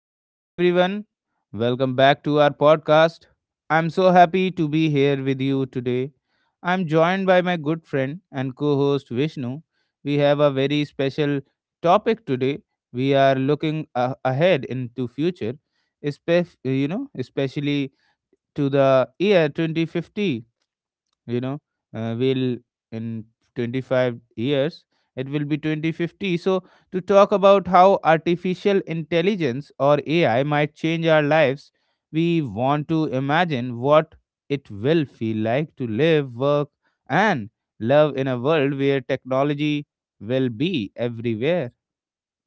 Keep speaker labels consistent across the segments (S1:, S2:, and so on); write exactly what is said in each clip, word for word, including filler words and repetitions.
S1: Hello, everyone. Welcome back to our podcast. I'm so happy to be here with you today. I'm joined by my good friend and co host Vishnu. We have a very special topic today. We are looking a- ahead into future, espef- you know, especially to the year twenty fifty. You know uh, will in twenty-five years it will be twenty fifty, so to talk about how artificial intelligence or ai might change our lives. We want to imagine what it will feel like to live, work, and love in a world where technology will be everywhere.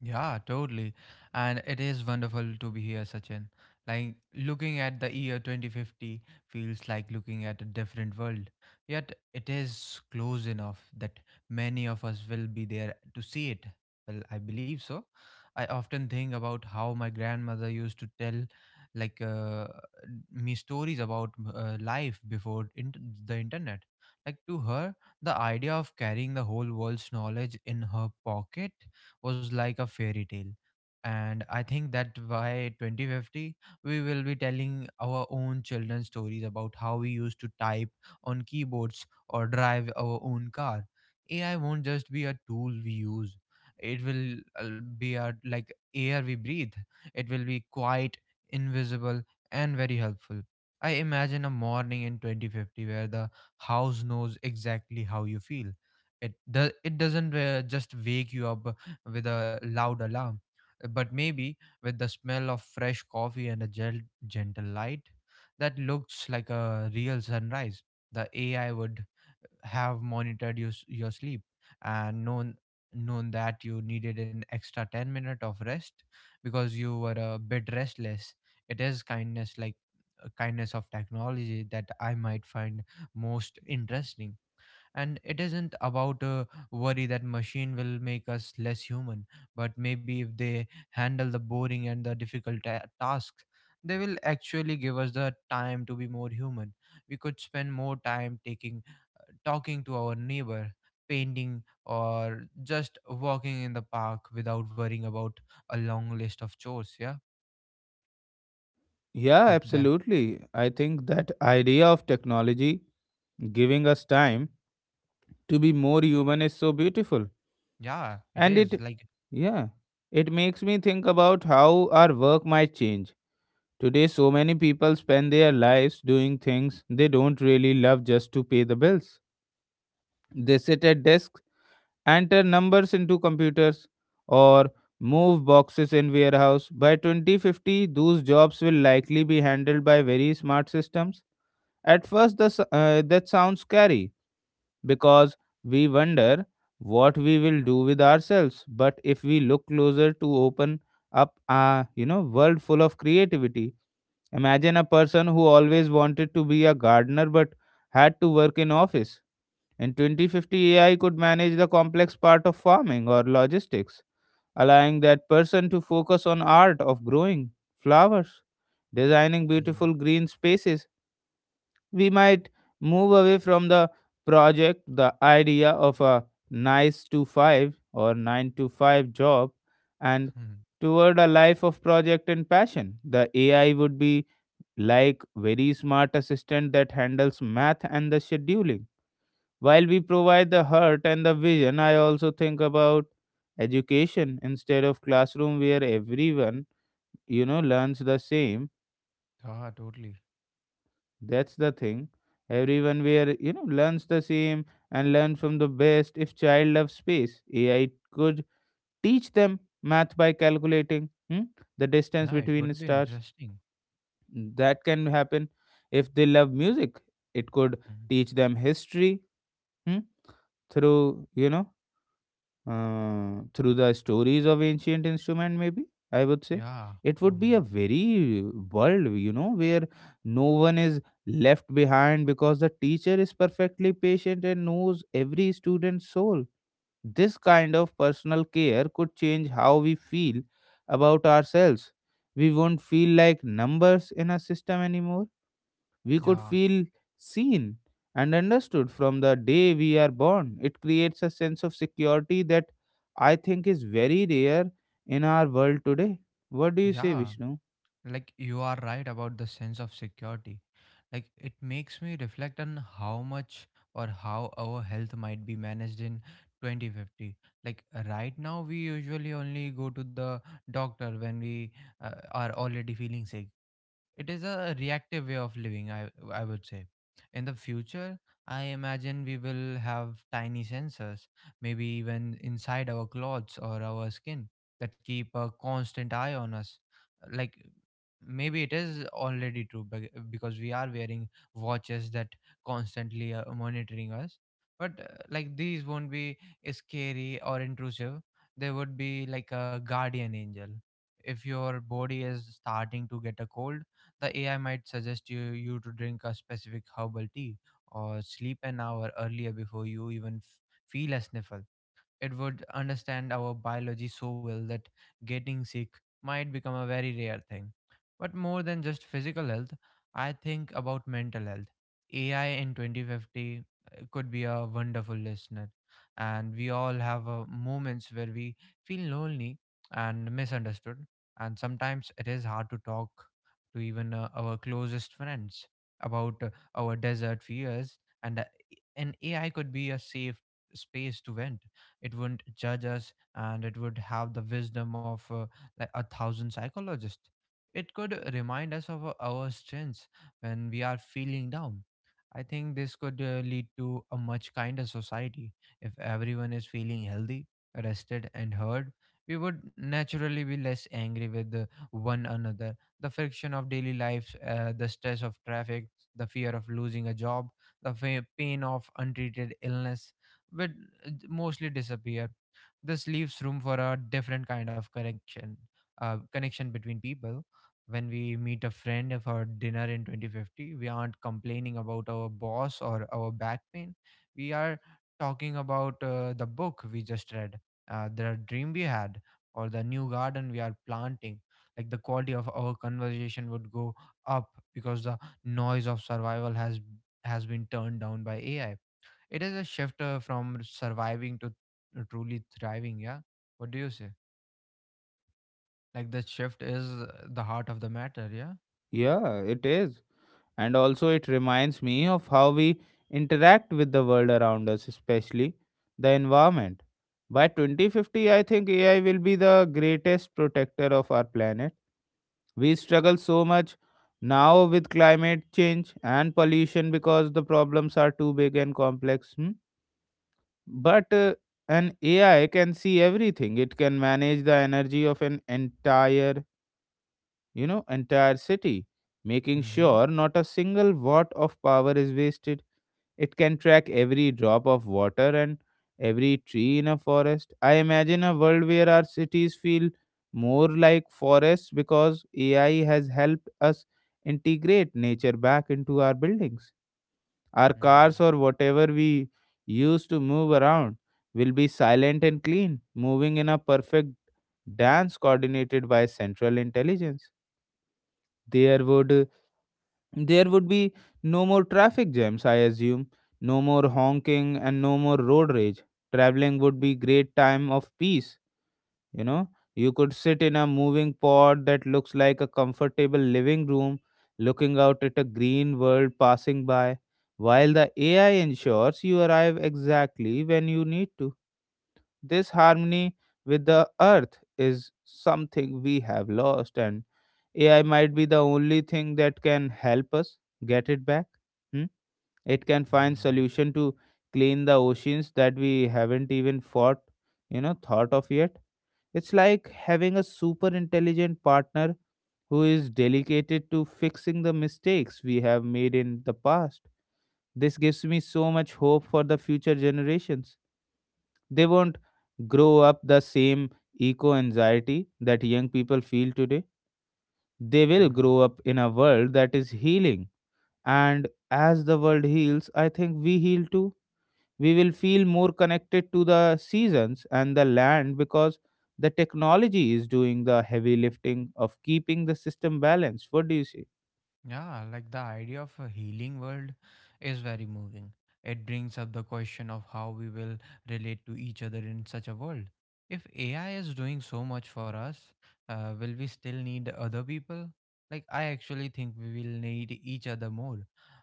S2: Yeah, totally. And it is wonderful to be here, Sachin. Like looking at the year twenty fifty feels like looking at a different world. Yet it is close enough that many of us will be there to see it. Well, I believe so. I often think about how my grandmother used to tell like uh, me stories about uh, life before int the internet. Like to her, the idea of carrying the whole world's knowledge in her pocket was like a fairy tale, and I think that by twenty fifty we will be telling our own children stories about how we used to type on keyboards or drive our own car. AI won't just be a tool we use, it will uh, be a like air we breathe. It will be quite invisible and very helpful. I imagine a morning in twenty fifty where the house knows exactly how you feel. It does it doesn't uh, just wake you up with a loud alarm, Uh, but maybe with the smell of fresh coffee and a gel- gentle light that looks like a real sunrise. The A I would have monitored you s- your sleep and known known that you needed an extra ten minute of rest because you were a bit restless. It is kindness like uh, kindness of technology that I might find most interesting. And it isn't about a worry that machine will make us less human, but maybe if they handle the boring and the difficult ta- tasks, they will actually give us the time to be more human. We could spend more time taking talking to our neighbor, painting, or just walking in the park without worrying about a long list of chores. Yeah,
S1: Yeah,
S2: like that.
S1: absolutely, I think that idea of technology giving us time to be more human is so beautiful.
S2: Yeah, it
S1: and
S2: is
S1: it
S2: like.
S1: Yeah, it makes me think about how our work might change. Today, so many people spend their lives doing things they don't really love just to pay the bills. They sit at desks, enter numbers into computers, or move boxes in warehouse. By twenty fifty, those jobs will likely be handled by very smart systems. At first, the, s- uh, that sounds scary, because we wonder what we will do with ourselves. But if we look closer to open up a you know world full of creativity, imagine a person who always wanted to be a gardener but had to work in office. In twenty fifty, A I could manage the complex part of farming or logistics, allowing that person to focus on art of growing flowers, designing
S2: Mm.
S1: beautiful green spaces. We might move away from the project, the idea of a nice to five or nine to five job, and
S2: Hmm.
S1: toward a life of project and passion. The A I would be like very smart assistant that handles math and the scheduling. While we provide the heart and the vision, I also think about education instead of classroom where everyone you know learns the same.
S2: Yeah, totally.
S1: That's the thing. Everyone where you know learns the same and learn from the best. If child loves space, A I could teach them math by calculating hmm, the distance
S2: Yeah, it
S1: between the
S2: would be
S1: stars.
S2: interesting.
S1: That can happen. If they love music, it could
S2: Hmm.
S1: teach them history, hmm, through you know uh, through the stories of ancient instrument. Maybe I would say
S2: Yeah,
S1: it would be a
S2: um,
S1: very world you know where no one is left behind because the teacher is perfectly patient and knows every student's soul. This kind of personal care could change how we feel about ourselves. We won't feel like numbers in a system anymore. We could
S2: yeah,
S1: feel seen and understood from the day we are born. It creates a sense of security that I think is very rare in our world today. What do you say,
S2: yeah.
S1: Vishnu?
S2: Like you are right about the sense of security. Like it makes me reflect on how much or how our health might be managed in twenty fifty. Like right now, we usually only go to the doctor when we uh, are already feeling sick. It is a reactive way of living, I, I would say. In the future, I imagine we will have tiny sensors, maybe even inside our clothes or our skin, that keep a constant eye on us. Like maybe it is already true bec- because we are wearing watches that constantly are monitoring us. But uh, like these won't be scary or intrusive. They would be like a guardian angel. If your body is starting to get a cold, the A I might suggest you, you to drink a specific herbal tea or sleep an hour earlier before you even f- feel a sniffle. It would understand our biology so well that getting sick might become a very rare thing. But more than just physical health, I think about mental health. A I in twenty fifty uh, could be a wonderful listener, and we all have uh, moments where we feel lonely and misunderstood, and sometimes it is hard to talk to even uh, our closest friends about uh, our desert fears and uh, an A I could be a safe space to vent. It wouldn't judge us, and it would have the wisdom of uh, like a thousand psychologists. It could remind us of our our strengths when we are feeling down. I think this could uh, lead to a much kinder society. If everyone is feeling healthy, rested, and heard, we would naturally be less angry with uh, one another. The friction of daily life, uh, the stress of traffic, the fear of losing a job, the fa- pain of untreated illness would uh, mostly disappear. This leaves room for a different kind of connection, uh, connection between people. When we meet a friend for dinner in twenty fifty, we aren't complaining about our boss or our back pain. We are talking about uh, the book we just read, uh, the dream we had, or the new garden we are planting. Like the quality of our conversation would go up because the noise of survival has has been turned down by A I. It is a shift, uh, from surviving to uh, truly thriving. Yeah. What do you say? Like that shift is uh, the heart of the matter. Yeah.
S1: Yeah, it is. And also, it reminds me of how we interact with the world around us, especially the environment. By twenty fifty, I think A I will be the greatest protector of our planet. We struggle so much now with climate change and pollution because the problems are too big and complex. Hmm? But uh, an A I can see everything. It can manage the energy of an entire, you know, entire city, making
S2: Mm-hmm.
S1: sure not a single watt of power is wasted. It can track every drop of water and every tree in a forest. I imagine a world where our cities feel more like forests because A I has helped us integrate nature back into our buildings. Our
S2: Mm-hmm.
S1: cars or whatever we use to move around will be silent and clean, moving in a perfect dance coordinated by central intelligence. There would there would be no more traffic jams, I assume, no more honking, and no more road rage. Traveling would be great time of peace, you know. You could sit in a moving pod that looks like a comfortable living room, looking out at a green world passing by, while the A I ensures you arrive exactly when you need to. This harmony with the earth is something we have lost, and A I might be the only thing that can help us get it back. Hmm? It can find
S2: Mm-hmm.
S1: solution to clean the oceans that we haven't even fought, you know, thought of yet. It's like having a super intelligent partner who is dedicated to fixing the mistakes we have made in the past. This gives me so much hope for the future generations. They won't grow up the same eco anxiety that young people feel today. They will
S2: Mm-hmm.
S1: grow up in a world that is healing. And as the world heals, I think we heal too. We will feel more connected to the seasons and the land because the technology is doing the heavy lifting of keeping the system balanced. What do you say?
S2: Yeah, like the idea of a healing world is very moving. It brings up the question of how we will relate to each other in such a world. If A I is doing so much for us, uh, will we still need other people? Like, I actually think we will need each other more,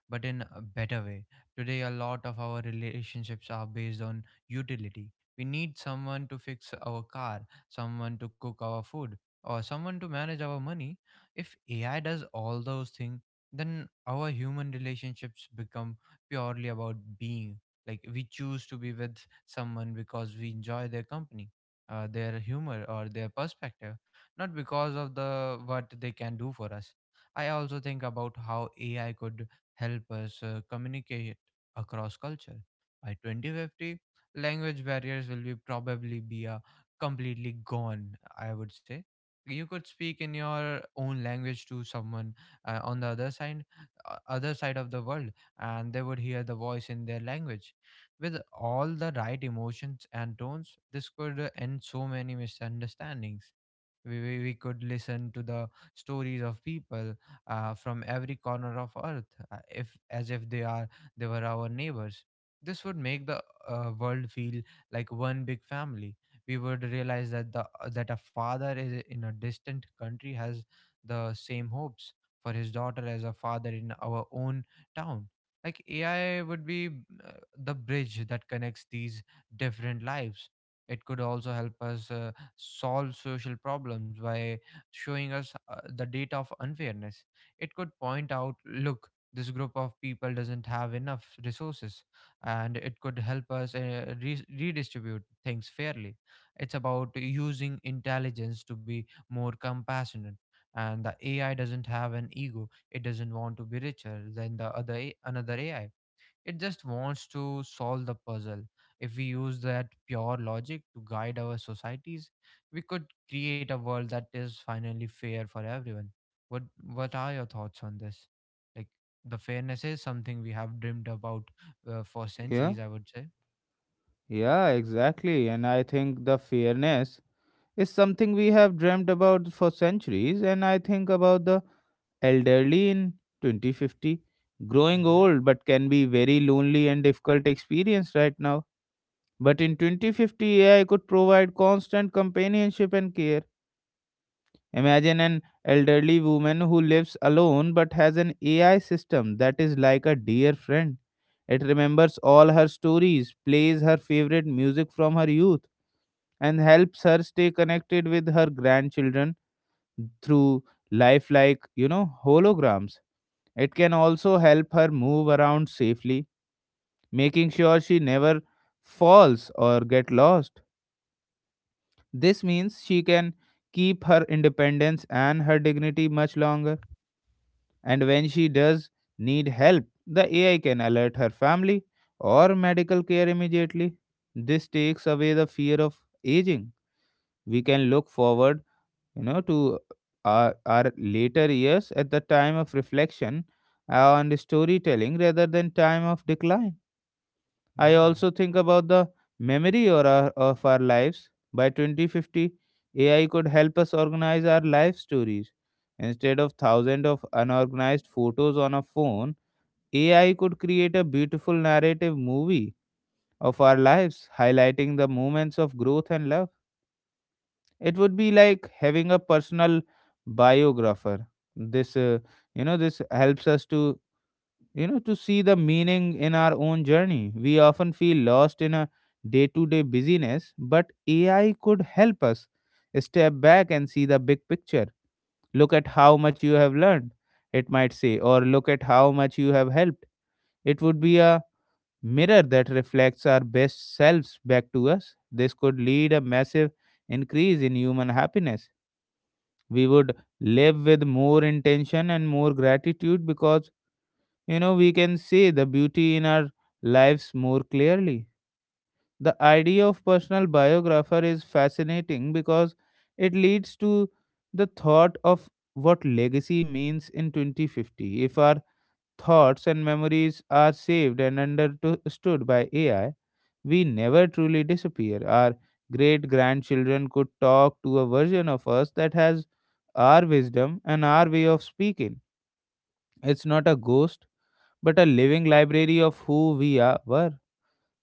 S2: but in a better way. Today, a lot of our relationships are based on utility. We need someone to fix our car, someone to cook our food, or someone to manage our money. If A I does all those things, then our human relationships become purely about being. Like we choose to be with someone because we enjoy their company, uh, their humor, or their perspective, not because of the what they can do for us. I also think about how A I could help us uh, communicate across culture. By twenty fifty, language barriers will be probably be uh, completely gone. I would say you could speak in your own language to someone uh, on the other side uh, other side of the world, and they would hear the voice in their language with all the right emotions and tones. This could uh, end so many misunderstandings. We, we, we could listen to the stories of people uh, from every corner of earth, uh, if as if they are they were our neighbors. This would make the uh, world feel like one big family. We would realize that the uh, that a father is in a distant country has the same hopes for his daughter as a father in our own town. Like AI would be uh, the bridge that connects these different lives. It could also help us uh, solve social problems by showing us uh, the data of unfairness. It could point out, look, this group of people doesn't have enough resources, and it could help us uh, re- redistribute things fairly. It's about using intelligence to be more compassionate. And the A I doesn't have an ego. It doesn't want to be richer than the other A- another A I. It just wants to solve the puzzle. If we use that pure logic to guide our societies, we could create a world that is finally fair for everyone. What what are your thoughts on this? Like the fairness is something we have dreamed about uh, for
S1: Yeah,
S2: centuries, I would say.
S1: yeah, exactly. And I think the fairness is something we have dreamt about for centuries. And I think about the elderly in twenty fifty. Growing
S2: Mm-hmm.
S1: old but can be very lonely and difficult experience right now, but in twenty fifty ai could provide constant companionship and care. Imagine an elderly woman who lives alone but has an ai system that is like a dear friend. It remembers all her stories, plays her favorite music from her youth, and helps her stay connected with her grandchildren through lifelike you know holograms. It can also help her move around safely, making sure she never falls or get lost. This means she can keep her independence and her dignity much longer. And when she does need help, the A I can alert her family or medical care immediately. This takes away the fear of aging. We can look forward, you know, to our, our later years at the time of reflection and storytelling rather than time of decline. I
S2: Yeah.
S1: also think about the memory or our, of our lives. By twenty fifty, A I could help us organize our life stories. Instead of thousands of unorganized photos on a phone, A I could create a beautiful narrative movie of our lives, highlighting the moments of growth and love. It would be like having a personal biographer. This, uh, you know, this helps us to you know to see the meaning in our own journey. We often feel lost in a day to day busyness, but ai could help us step back and see the big picture. Look at how much you have learned, it might say, or look at how much you have helped. It would be a mirror that reflects our best selves back to us. This could lead a massive increase in human happiness. We would live with more intention and more gratitude because you know we can see the beauty in our lives more clearly. The idea of personal biographer is fascinating because it leads to the thought of what legacy means in twenty fifty. If our thoughts and memories are saved and understood by ai, we never truly disappear. Our great grandchildren could talk to a version of us that has our wisdom and our way of speaking. It's not a ghost, but a living library of who we are, were.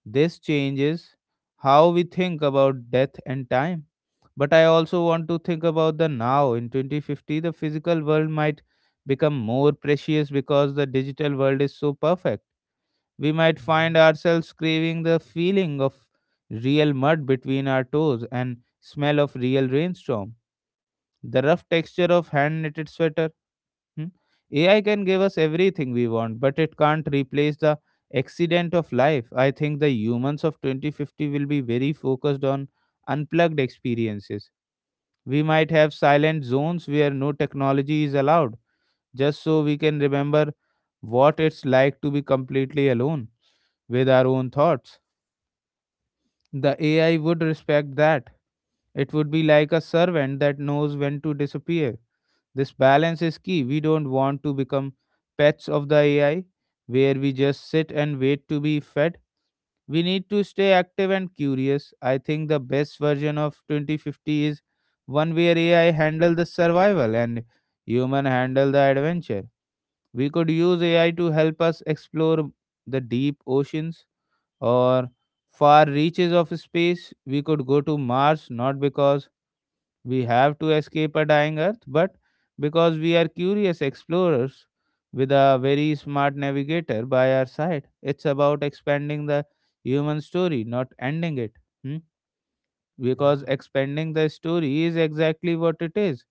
S1: This changes how we think about death and time. But I also want to think about the now. In twenty fifty, the physical world might become more precious because the digital world is so perfect. We might find
S2: Mm-hmm.
S1: ourselves craving the feeling of real mud between our toes and smell of real rainstorm, the rough texture of hand knitted sweater. Hmm? A I can give us everything we want, but it can't replace the accident of life. I think the humans of twenty fifty will be very focused on unplugged experiences. We might have silent zones where no technology is allowed, just so we can remember what it's like to be completely alone with our own thoughts. The A I would respect that. It would be like a servant that knows when to disappear. This balance is key. We don't want to become pets of the A I where we just sit and wait to be fed. We need to stay active and curious. I think the best version of twenty fifty is one where A I handle the survival and human handle the adventure. We could use A I to help us explore the deep oceans or far reaches of space. We could go to Mars not because we have to escape a dying earth, but because we are curious explorers with a very smart navigator by our side. It's about expanding the human story, not ending it. Hmm? Because
S2: Yeah.
S1: expanding the story is exactly what it is.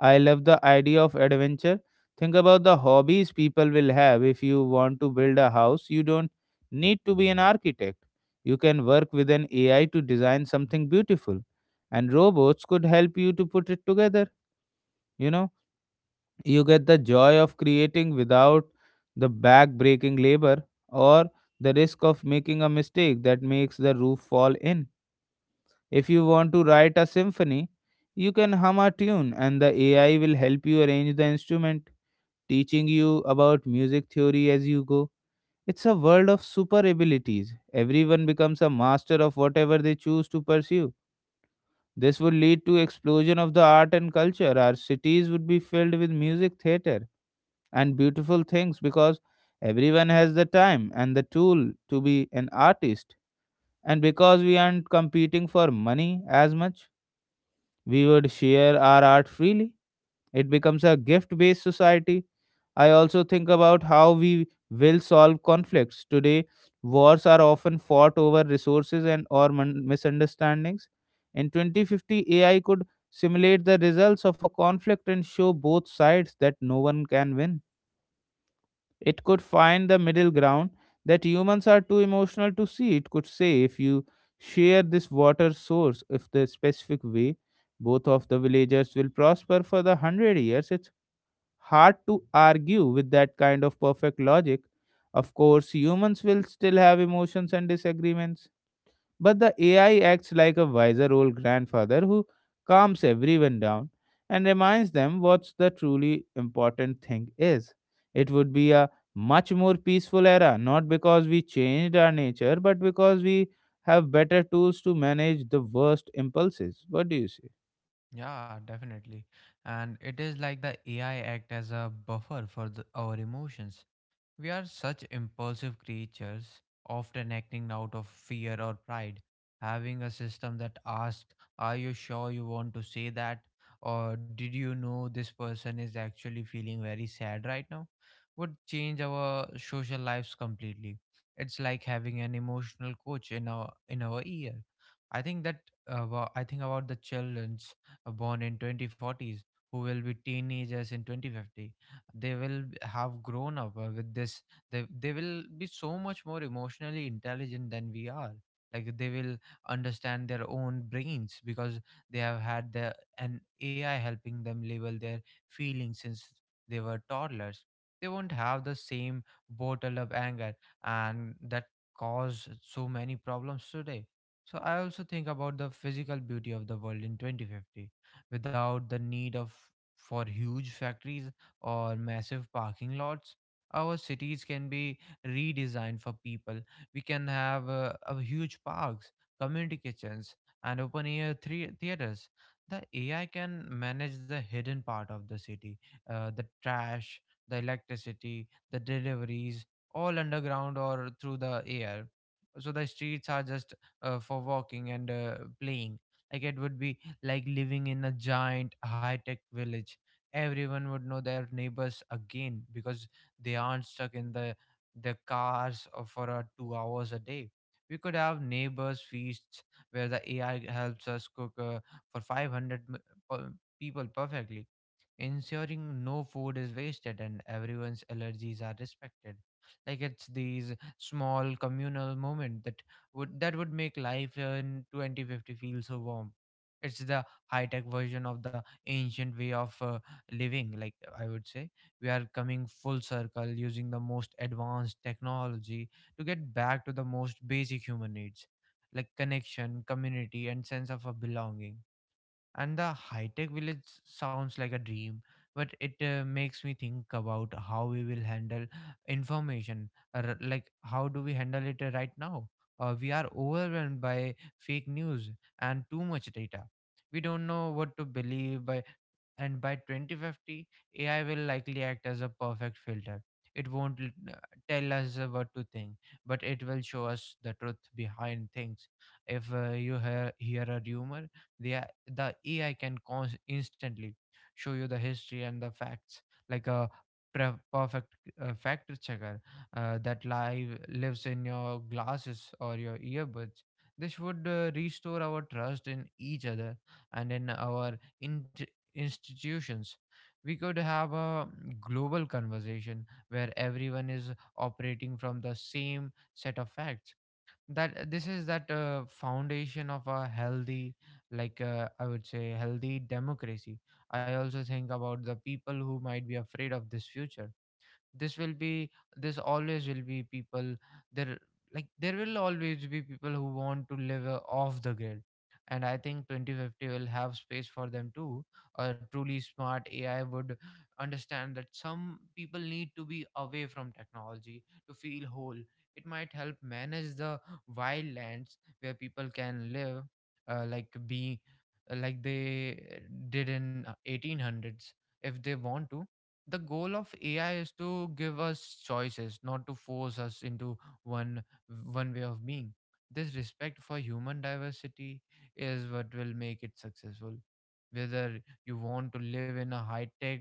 S1: I love the idea of adventure. Think about the hobbies people will have. If you want to build a house, you don't need to be an architect. You can work with an A I to design something beautiful, and robots could help you to put it together. You know, you get the joy of creating without the back breaking labor or the risk of making a mistake that makes the roof fall in. If you want to write a symphony, you can hum a tune and the A I will help you arrange the instrument, teaching you about music theory as you go. It's a world of super abilities. Everyone becomes a master of whatever they choose to pursue. This would lead to explosion of the art and culture. Our cities would be filled with music, theater and beautiful things because everyone has the time and the tool to be an artist. And because we aren't competing for money as much, we would share our art freely. It becomes a gift based society. I also think about how we will solve conflicts. Today, wars are often fought over resources and or mon- misunderstandings. In twenty fifty, A I could simulate the results of a conflict and show both sides that no one can win. It could find the middle ground that humans are too emotional to see. It could say, if you share this water source, if the specific way, both of the villagers will prosper for the hundred years. It's hard to argue with that kind of perfect logic. Of course, humans will still have emotions and disagreements, but the A I acts like a wiser old grandfather who calms everyone down and reminds them what the truly important thing is. It would be a much more peaceful era, not because we changed our nature, but because we have better tools to manage the worst impulses. What do you say?
S2: Yeah, definitely. And it is like the A I act as a buffer for the, our emotions. We are such impulsive creatures, often acting out of fear or pride. Having a system that asks, "Are you sure you want to say that?" Or, "Did you know this person is actually feeling very sad right now?" would change our social lives completely. It's like having an emotional coach in our in our ear. I think that about, I think about the childrens uh, born in twenty forties who will be teenagers in twenty fifty. They will b- have grown up uh, with this. They, they will be so much more emotionally intelligent than we are. Like they will understand their own brains because they have had the an AI helping them label their feelings since they were toddlers. They won't have the same bottle of anger and that cause so many problems today. So I also think about the physical beauty of the world in twenty fifty without the need of for huge factories or massive parking lots. Our cities can be redesigned for people. We can have uh, a huge parks, community kitchens, and open air thre- theaters. The A I can manage the hidden part of the city, uh, the trash, the electricity, the deliveries, all underground or through the air. So the streets are just uh, for walking and uh, playing. Like it would be like living in a giant high tech village. Everyone would know their neighbors again because they aren't stuck in the the cars uh, for uh, two hours a day. We could have neighbors feasts where the ai helps us cook uh, for five hundred m- per- people perfectly, ensuring no food is wasted and everyone's allergies are respected. Like it's these small communal moment that would that would make life in twenty fifty feel so warm. It's the high tech version of the ancient way of uh, living. Like, I would say we are coming full circle, using the most advanced technology to get back to the most basic human needs, like connection, community, and sense of a belonging. And the high-tech village sounds like a dream, but it uh, makes me think about how we will handle information. Uh, like how do we handle it uh, right now? Uh, we are overwhelmed by fake news and too much data. We don't know what to believe by. And by twenty fifty, ai will likely act as a perfect filter. It won't l- uh, tell us uh, what to think, but it will show us the truth behind things. If uh, you hear, hear a rumor, they the A I can cons instantly show you the history and the facts, like a pre- perfect uh, fact checker uh, that live lives in your glasses or your earbuds. This would uh, restore our trust in each other and in our int institutions. We could have a global conversation where everyone is operating from the same set of facts. That uh, this is that uh, foundation of a healthy, like uh, I would say healthy democracy. I also think about the people who might be afraid of this future. this will be this always will be people. There Like there will always be people who want to live uh, off the grid, and I think twenty fifty will have space for them too. A truly smart ai would understand that some people need to be away from technology to feel whole. It might help manage the wild lands where people can live, uh, like be like they did in uh, eighteen hundreds, if they want to. The goal of A I is to give us choices, not to force us into one one way of being. This respect for human diversity is what will make it successful. Whether you want to live in a high tech,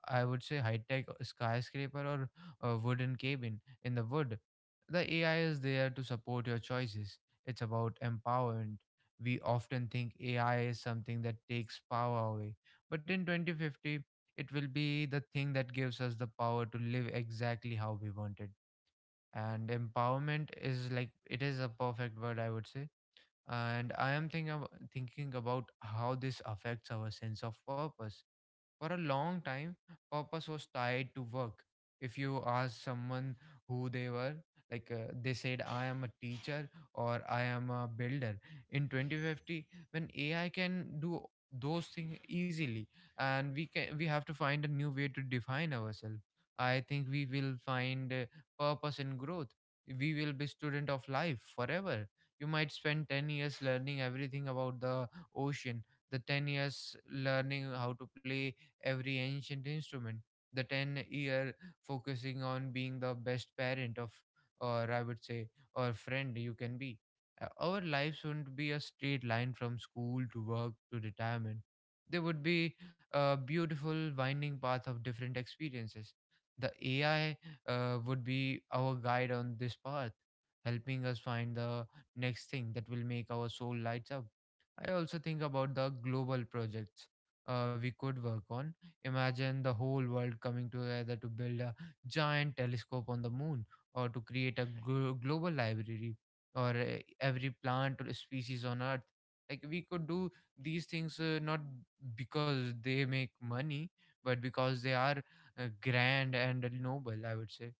S2: I would say high tech skyscraper or a wooden cabin in the wood, the A I is there to support your choices. It's about empowerment. We often think A I is something that takes power away, but in twenty fifty it will be the thing that gives us the power to live exactly how we wanted. And empowerment is, like, it is a perfect word, I would say. And I am thinking about, thinking about how this affects our sense of purpose. For a long time, purpose was tied to work. If you ask someone who they were, like uh, they said, I am a teacher or I am a builder. In twenty fifty, when A I can do those things easily, and we can we have to find a new way to define ourselves. I think we will find uh, purpose in growth. We will be student of life forever. You might spend ten years learning everything about the ocean, the ten years learning how to play every ancient instrument, the ten year focusing on being the best parent of, or I would say, or friend you can be. Uh, Our lives wouldn't be a straight line from school to work to retirement. They would be a beautiful winding path of different experiences. The A I uh, would be our guide on this path, helping us find the next thing that will make our soul lights up. I also think about the global projects uh, we could work on. Imagine the whole world coming together to build a giant telescope on the moon, or to create a glo- global library or uh, every plant or species on earth. Like we could do these things uh, not because they make money, but because they are uh, grand and noble, I would say.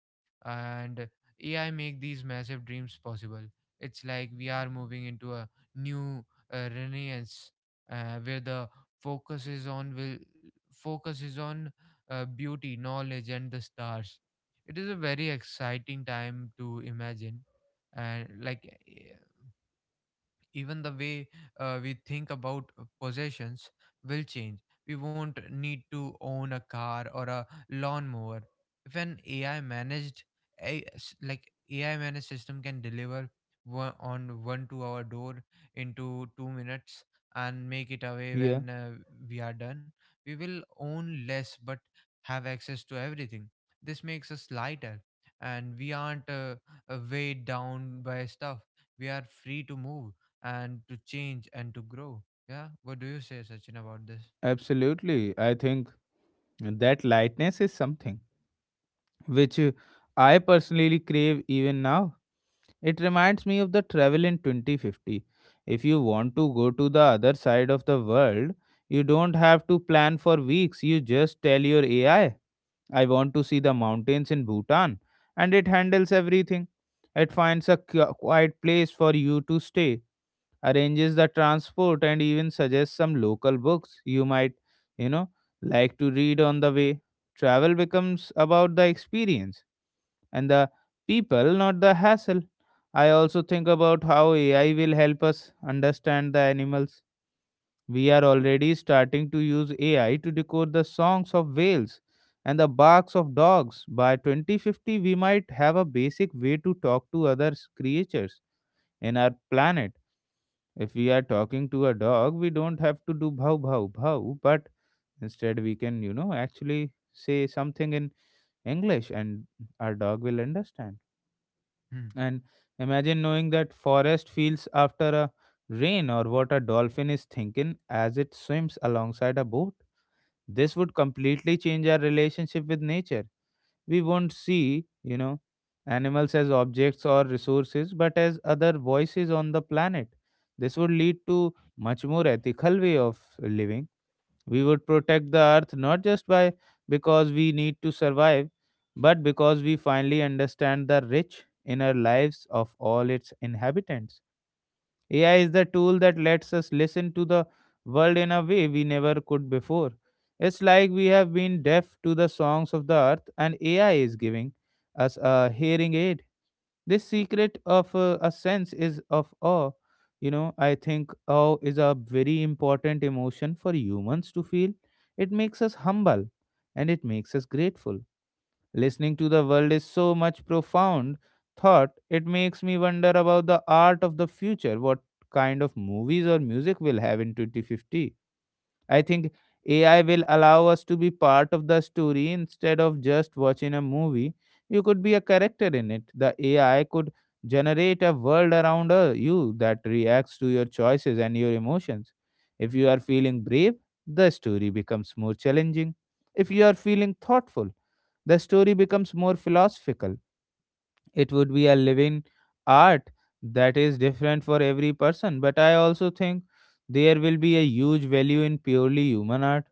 S2: And A I make these massive dreams possible. It's like we are moving into a new uh, Renaissance, uh, where the focus is on will focus is on uh, beauty, knowledge, and the stars. It is a very exciting time to imagine. And like eh, even the way uh, we think about uh, possessions will change. We won't need to own a car or a lawnmower. If an A I managed, a, s- like A I managed system can deliver one, on one to our door into two minutes and make it away
S1: Yeah,
S2: when uh, we are done, we will own less but have access to everything. This makes us lighter, and we aren't uh, uh, weighed down by stuff. We are free to move and to change and to grow. Yeah. What do you say, Sachin, about this?
S1: absolutely. I think that lightness is something which uh, I personally crave even now. It reminds me of the travel in twenty fifty. If you want to go to the other side of the world, you don't have to plan for weeks. You just tell your A I, I I want to see the mountains in Bhutan, and it handles everything. It finds a qui- quiet place for you to stay, arranges the transport, and even suggests some local books you might, you know, like to read on the way. Travel becomes about the experience and the people, not the hassle. I also think about how A I will help us understand the animals. We are already starting to use A I to decode the songs of whales and the barks of dogs. By twenty fifty, we might have a basic way to talk to other s- creatures in our planet. If we are talking to a dog, we don't have to do bhav bhav bhav, but instead we can, you know, actually say something in English, and our dog will understand. And imagine knowing that forest feels after a rain, or what a dolphin is thinking as it swims alongside a boat. This would completely change our relationship with nature. We won't see, you know, animals as objects or resources, but as other voices on the planet. This would lead to much more ethical way of living. We would protect the earth not just by because we need to survive, but because we finally understand the rich inner lives of all its inhabitants. A I is the tool that lets us listen to the world in a way we never could before. It's like we have been deaf to the songs of the earth, and A I is giving us a hearing aid. This secret of uh, a sense is of awe. You know, I think awe is a very important emotion for humans to feel. It makes us humble and it makes us grateful. Listening to the world is so much profound thought. It makes me wonder about the art of the future. What kind of movies or music will have in twenty fifty? I think A I will allow us to be part of the story instead of just watching a movie. You could be a character in it. The A I could generate a world around uh, you that reacts to your choices and your emotions. If you are feeling brave, the story becomes more challenging. If you are feeling thoughtful, the story becomes more philosophical. It would be a living art that is different for every person, but I also think there will be a huge value in purely human art.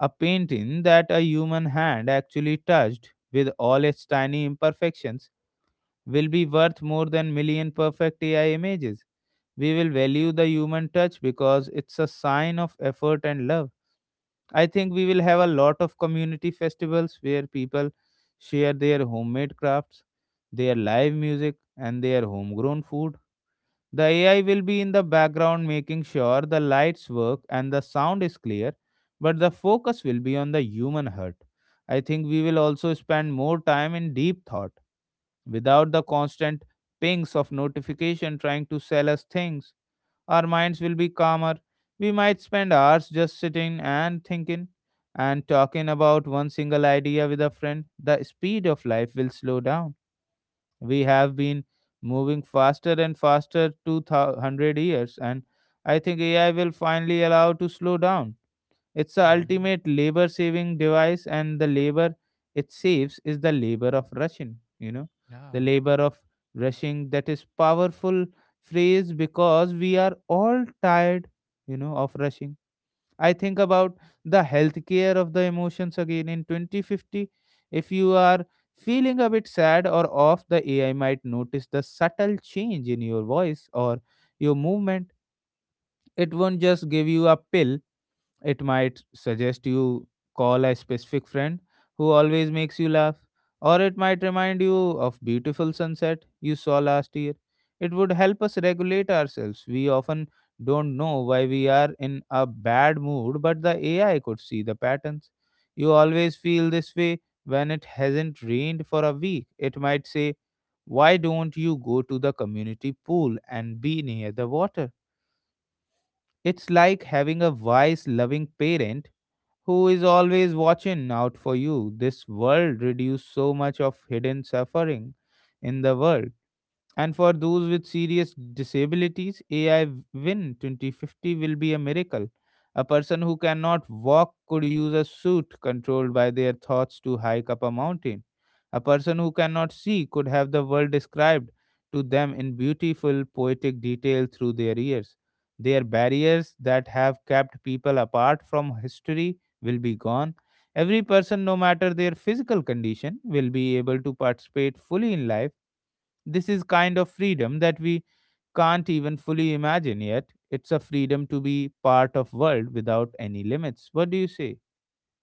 S1: A painting that a human hand actually touched with all its tiny imperfections will be worth more than million perfect AI images. We will value the human touch because it's a sign of effort and love. I think we will have a lot of community festivals where people share their homemade crafts, their live music, and their homegrown food. The A I will be in the background making sure the lights work and the sound is clear, but the focus will be on the human heart. I think we will also spend more time in deep thought without the constant pings of notification trying to sell us things. Our minds will be calmer. We might spend hours just sitting and thinking and talking about one single idea with a friend. The speed of life will slow down. We have been moving faster and faster two hundred years, and I think A I will finally allow to slow down. It's the
S2: Mm-hmm.
S1: ultimate labor saving device, and the labor it saves is the labor of rushing, you know, the
S2: Yeah.
S1: labor of rushing. That is powerful phrase because we are all tired, you know, of rushing. I think about the healthcare of the emotions again in twenty fifty. If you are feeling a bit sad or off, the A I might notice the subtle change in your voice or your movement. It won't just give you a pill. It might suggest you call a specific friend who always makes you laugh, or it might remind you of beautiful sunset you saw last year. It would help us regulate ourselves. We often don't know why we are in a bad mood, but the A I could see the patterns. You always feel this way when it hasn't rained for a week. It might say, why don't you go to the community pool and be near the water? It's like having a wise, loving parent who is always watching out for you. This world reduces so much of hidden suffering in the world. And for those with serious disabilities, A I win twenty fifty will be a miracle. A person who cannot walk could use a suit controlled by their thoughts to hike up a mountain. A person who cannot see could have the world described to them in beautiful, poetic detail through their ears. Their barriers that have kept people apart from history will be gone. Every person, no matter their physical condition, will be able to participate fully in life. This is kind of freedom that we can't even fully imagine yet. It's a freedom to be part of world without any limits. What do you say?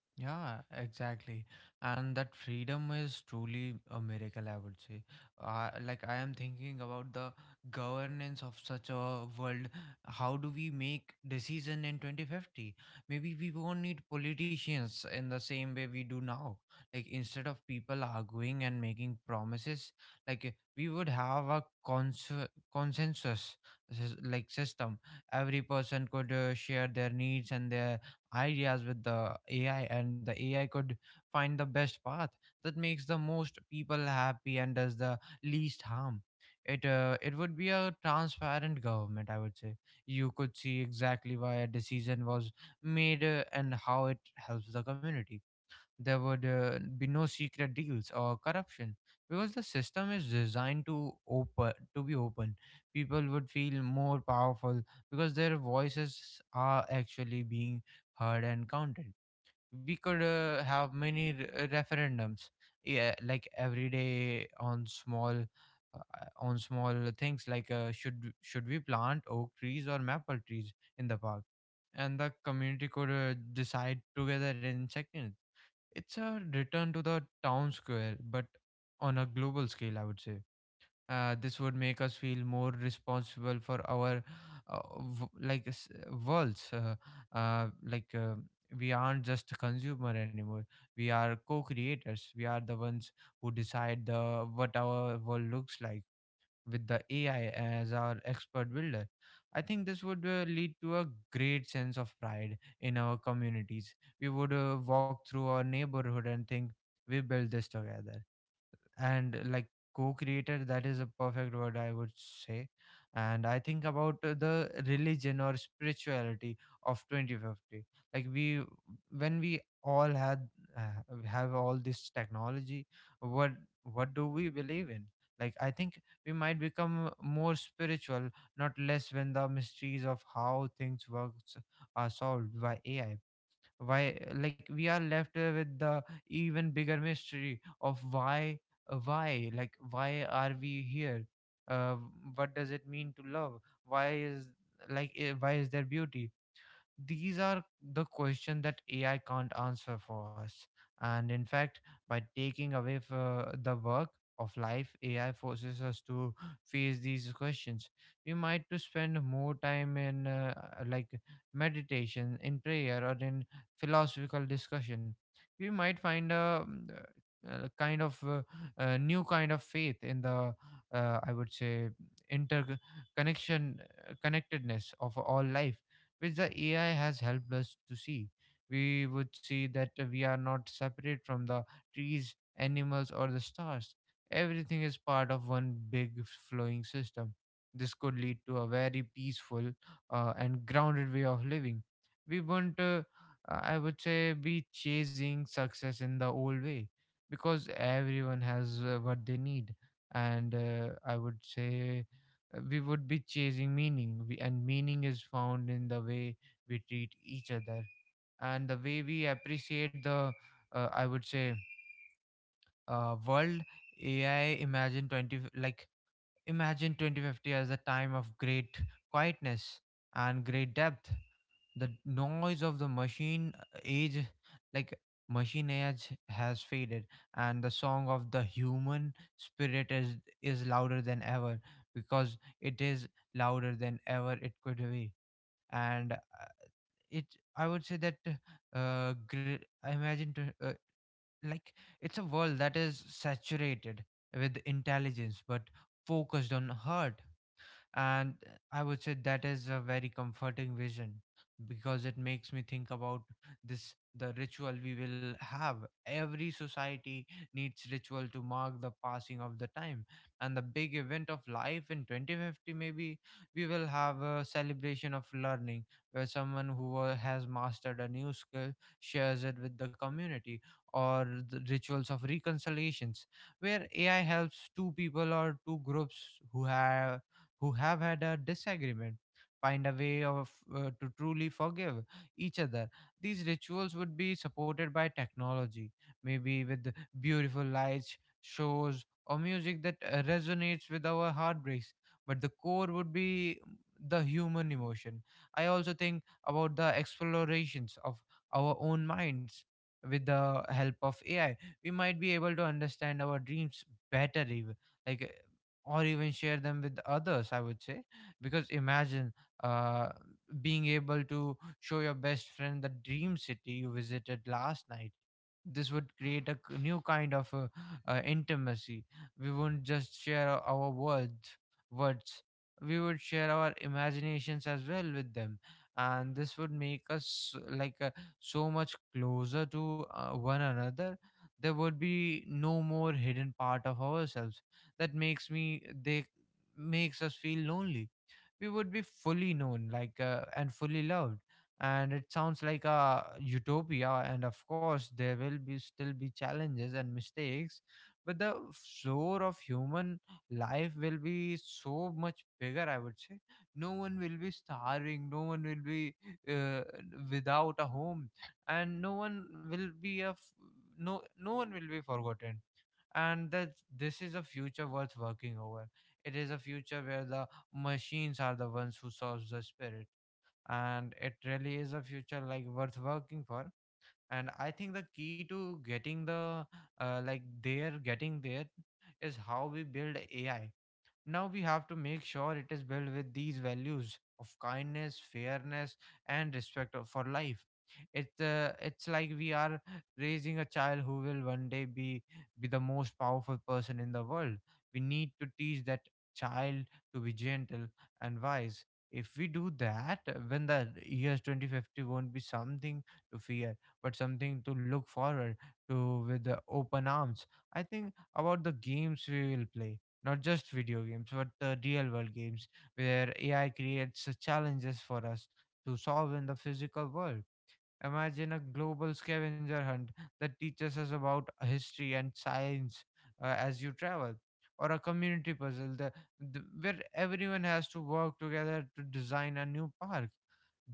S2: Yeah, exactly. And that freedom is truly a miracle, I would say. Uh, like, I am thinking about the governance of such a world. How do we make decision in twenty fifty? Maybe we won't need politicians in the same way we do now. Like, instead of people arguing and making promises, like, eh, we would have a cons consensus, s- like, system. Every person could uh, share their needs and their ideas with the A I, and the A I could find the best path that makes the most people happy and does the least harm. It uh, it would be a transparent government, I would say. You could see exactly why a decision was made uh, and how it helps the community. There would uh, be no secret deals or corruption, because the system is designed to open to be open. People would feel more powerful because their voices are actually being heard and counted. We could uh, have many re- uh, referendums, yeah, like every day on small uh, on small things, like uh, should should we plant oak trees or maple trees in the park, and the community could uh, decide together in seconds. It's a return to the town square, but on a global scale, I would say. Uh, this would make us feel more responsible for our uh, v- like s- worlds. Uh, uh, like uh, we aren't just a consumer anymore. We are co-creators. We are the ones who decide the what our world looks like, with the A I as our expert builder. I think this would uh, lead to a great sense of pride in our communities. We would uh, walk through our neighborhood and think, we built this together. And, like, co-creator, that is a perfect word, I would say. And I think about uh, the religion or spirituality of twenty fifty. Like we when we all had uh, have all this technology, what what do we believe in? Like, I think we might become more spiritual, not less. When the mysteries of how things works are solved by ai, why like we are left uh, with the even bigger mystery of why. Uh, why like why are we here? uh, what does it mean to love? why is like eh, why is there beauty? These are the questions that A I can't answer for us. And in fact, by taking away f- uh, the work of life, A I forces us to face these questions. We might to spend more time in uh, like meditation, in prayer, or in philosophical discussion. We might find a, mm, uh kind of uh, uh, new kind of faith in the, uh, I would say, interconnection, uh, connectedness of all life, which the A I has helped us to see. We would see that we are not separate from the trees, animals, or the stars. Everything is part of one big flowing system. This could lead to a very peaceful uh, and grounded way of living. We won't, uh, I would say, be chasing success in the old way, because everyone has uh, what they need. And uh, I would say uh, we would be chasing meaning, we, and meaning is found in the way we treat each other and the way we appreciate the, uh, I would say, uh, world. ai imagine twenty f- like Imagine twenty fifty as a time of great quietness and great depth. The noise of the machine uh, age like machine age has faded, and the song of the human spirit is is louder than ever, because it is louder than ever it could be. And uh, it I would say that, uh gr- I imagine to, uh, like it's a world that is saturated with intelligence but focused on heart. And I would say that is a very comforting vision, because it makes me think about this the ritual we will have. Every society needs ritual to mark the passing of the time and the big event of life. In twenty fifty, maybe we will have a celebration of learning, where someone who wa- has mastered a new skill shares it with the community. Or the rituals of reconciliations, where ai helps two people or two groups who have who have had a disagreement find a way of uh, to truly forgive each other. These rituals would be supported by technology, maybe with beautiful lights shows or music that uh, resonates with our heartbreaks, but the core would be the human emotion. I also think about the explorations of our own minds. With the help of ai, we might be able to understand our dreams better. Even like or even share them with others, I would say. Because imagine uh, being able to show your best friend the dream city you visited last night. This would create a k- new kind of uh, uh, intimacy. We wouldn't just share our our words. words. We would share our imaginations as well with them, and this would make us like uh, so much closer to uh, one another. There would be no more hidden part of ourselves that makes me they makes us feel lonely. We would be fully known, like uh, and fully loved. And it sounds like a utopia, and of course there will be still be challenges and mistakes, but the floor of human life will be so much bigger, I would say. No one will be starving, no one will be uh, without a home, and no one will be a f- no no one will be forgotten. And that this is a future worth working over. It is a future where the machines are the ones who solves the spirit, and it really is a future like worth working for. And I think the key to getting the uh, like there getting there is how we build AI. Now we have to make sure it is built with these values of kindness, fairness, and respect of- for life. It's uh, it's like we are raising a child who will one day be be the most powerful person in the world. We need to teach that child to be gentle and wise. If we do that, when the years twenty fifty won't be something to fear, but something to look forward to with the open arms. I think about the games we will play, not just video games, but the real world games where A I creates uh, challenges for us to solve in the physical world. Imagine a global scavenger hunt that teaches us about history and science uh, as you travel, or a community puzzle the, the, where everyone has to work together to design a new park.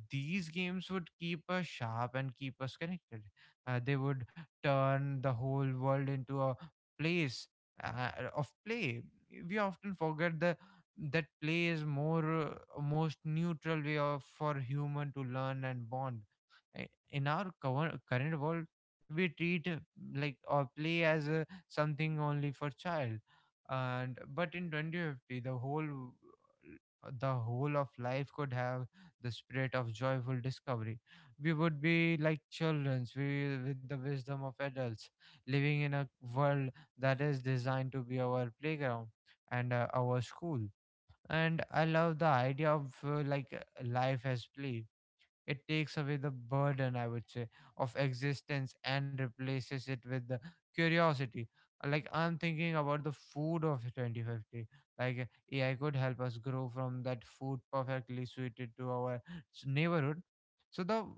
S2: These games would keep us sharp and keep us connected. Uh, they would turn the whole world into a place uh, of play. We often forget the that play is more uh, most neutral way of for human to learn and bond. Uh, in our cover- current world we treat uh, like or play as uh, something only for child, and but in twenty fifty the whole uh, the whole of life could have the spirit of joyful discovery. We would be like childrens, we with the wisdom of adults, living in a world that is designed to be our playground and uh, our school. And I love the idea of uh, like uh, life as play. It takes away the burden, I would say, of existence, and replaces it with the curiosity. Uh, Like I'm thinking about the food of twenty fifty. Like uh, A I could help us grow from that food perfectly suited to our s- neighborhood, so the f-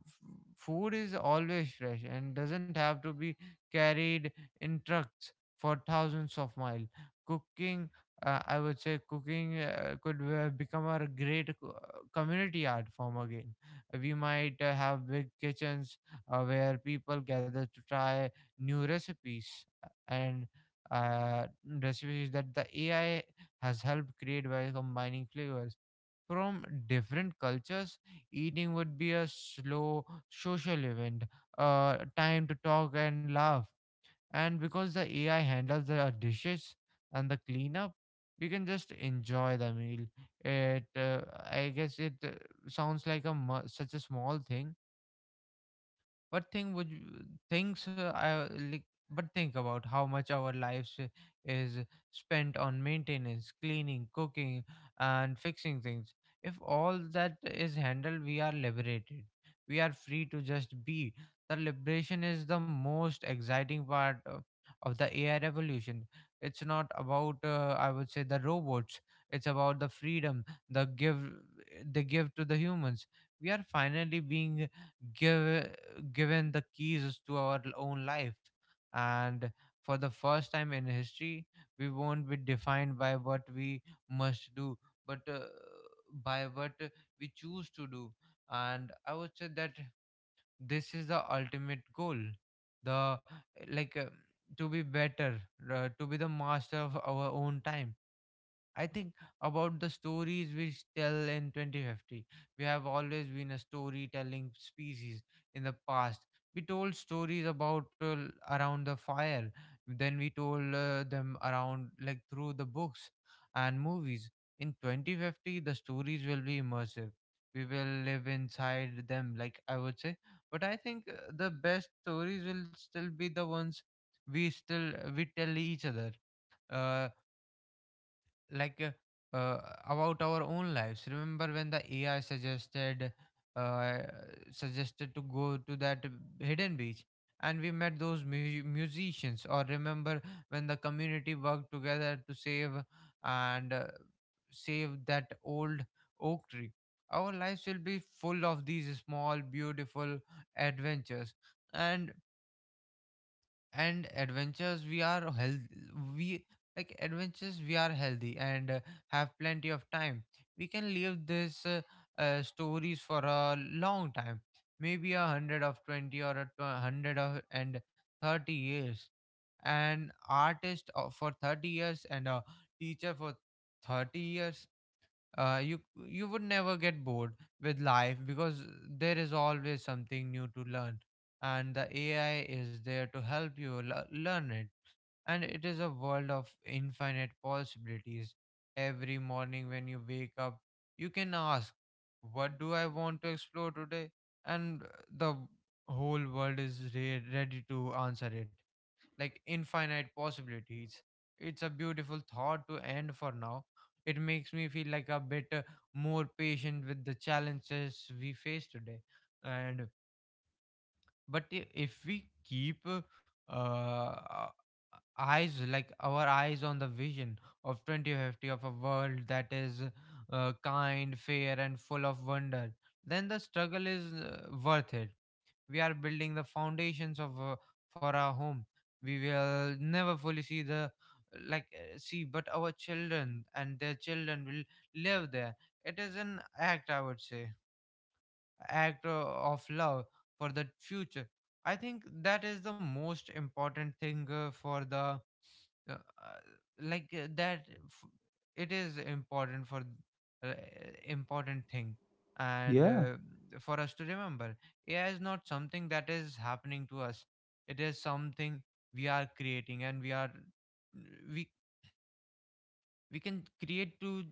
S2: food is always fresh and doesn't have to be carried in trucks for thousands of miles. Cooking, uh, I would say cooking uh, could uh, become a great co- uh, community art form again. We might uh, have big kitchens uh, where people gather to try new recipes uh, and uh, recipes that the A I has helped create by combining flavors from different cultures. Eating would be a slow social event, uh, time to talk and laugh, and because the A I handles the dishes and the cleanup, we can just enjoy the meal. It, uh, I guess, it uh, sounds like a mu- such a small thing, but think would you- things uh, I like, but think about how much our lives uh, is spent on maintenance, cleaning, cooking, and fixing things. If all that is handled, we are liberated. We are free to just be. The liberation is the most exciting part uh, of the A I revolution. It's not about uh, I would say the robots. It's about the freedom the give they give to the humans. We are finally being give given the keys to our own life. And for the first time in history, we won't be defined by what we must do, but uh, by what we choose to do. And I would say that this is the ultimate goal. The like uh, To be better, uh, to be the master of our own time. I think about the stories we tell in twenty fifty. We have always been a storytelling species. In the past, we told stories about uh, l- around the fire, then we told uh, them around like through the books and movies. In twenty fifty, the stories will be immersive. We will live inside them, like I would say. But I think uh, the best stories will still be the ones we still we tell each other. Uh, like uh, uh, about our own lives. Remember when the AI suggested uh, suggested to go to that hidden beach and we met those mu- musicians, or remember when the community worked together to save and uh, save that old oak tree. Our lives will be full of these small beautiful adventures. And and adventures we are healthy we like Adventures we are healthy and uh, have plenty of time. We can leave this uh, uh, stories for a long time, maybe a hundred of twenty, or a tw- hundred of and thirty years an artist, uh, for thirty years, and a teacher for thirty years. Uh, you you would never get bored with life because there is always something new to learn, and the AI is there to help you l- learn it. And it is a world of infinite possibilities. Every morning when you wake up, you can ask, what do I want to explore today? And uh, the whole world is re- ready to answer it. Like, infinite possibilities. It's a beautiful thought to end for now. It makes me feel like a bit uh, more patient with the challenges we face today. And but I- if we keep uh, uh, eyes like our eyes on the vision of twenty fifty, of a world that is uh, kind, fair, and full of wonder, then the struggle is uh, worth it. We are building the foundations of uh, for our home. We will never fully see the like uh, see, but our children and their children will live there. It is an act, I would say, act uh, of love for the future. I think that is the most important thing uh, for the uh, uh, like uh, that f- it is important for uh, important thing. And
S1: Yeah,
S2: uh, for us to remember, AI is not something that is happening to us. It is something we are creating, and we are we we can create to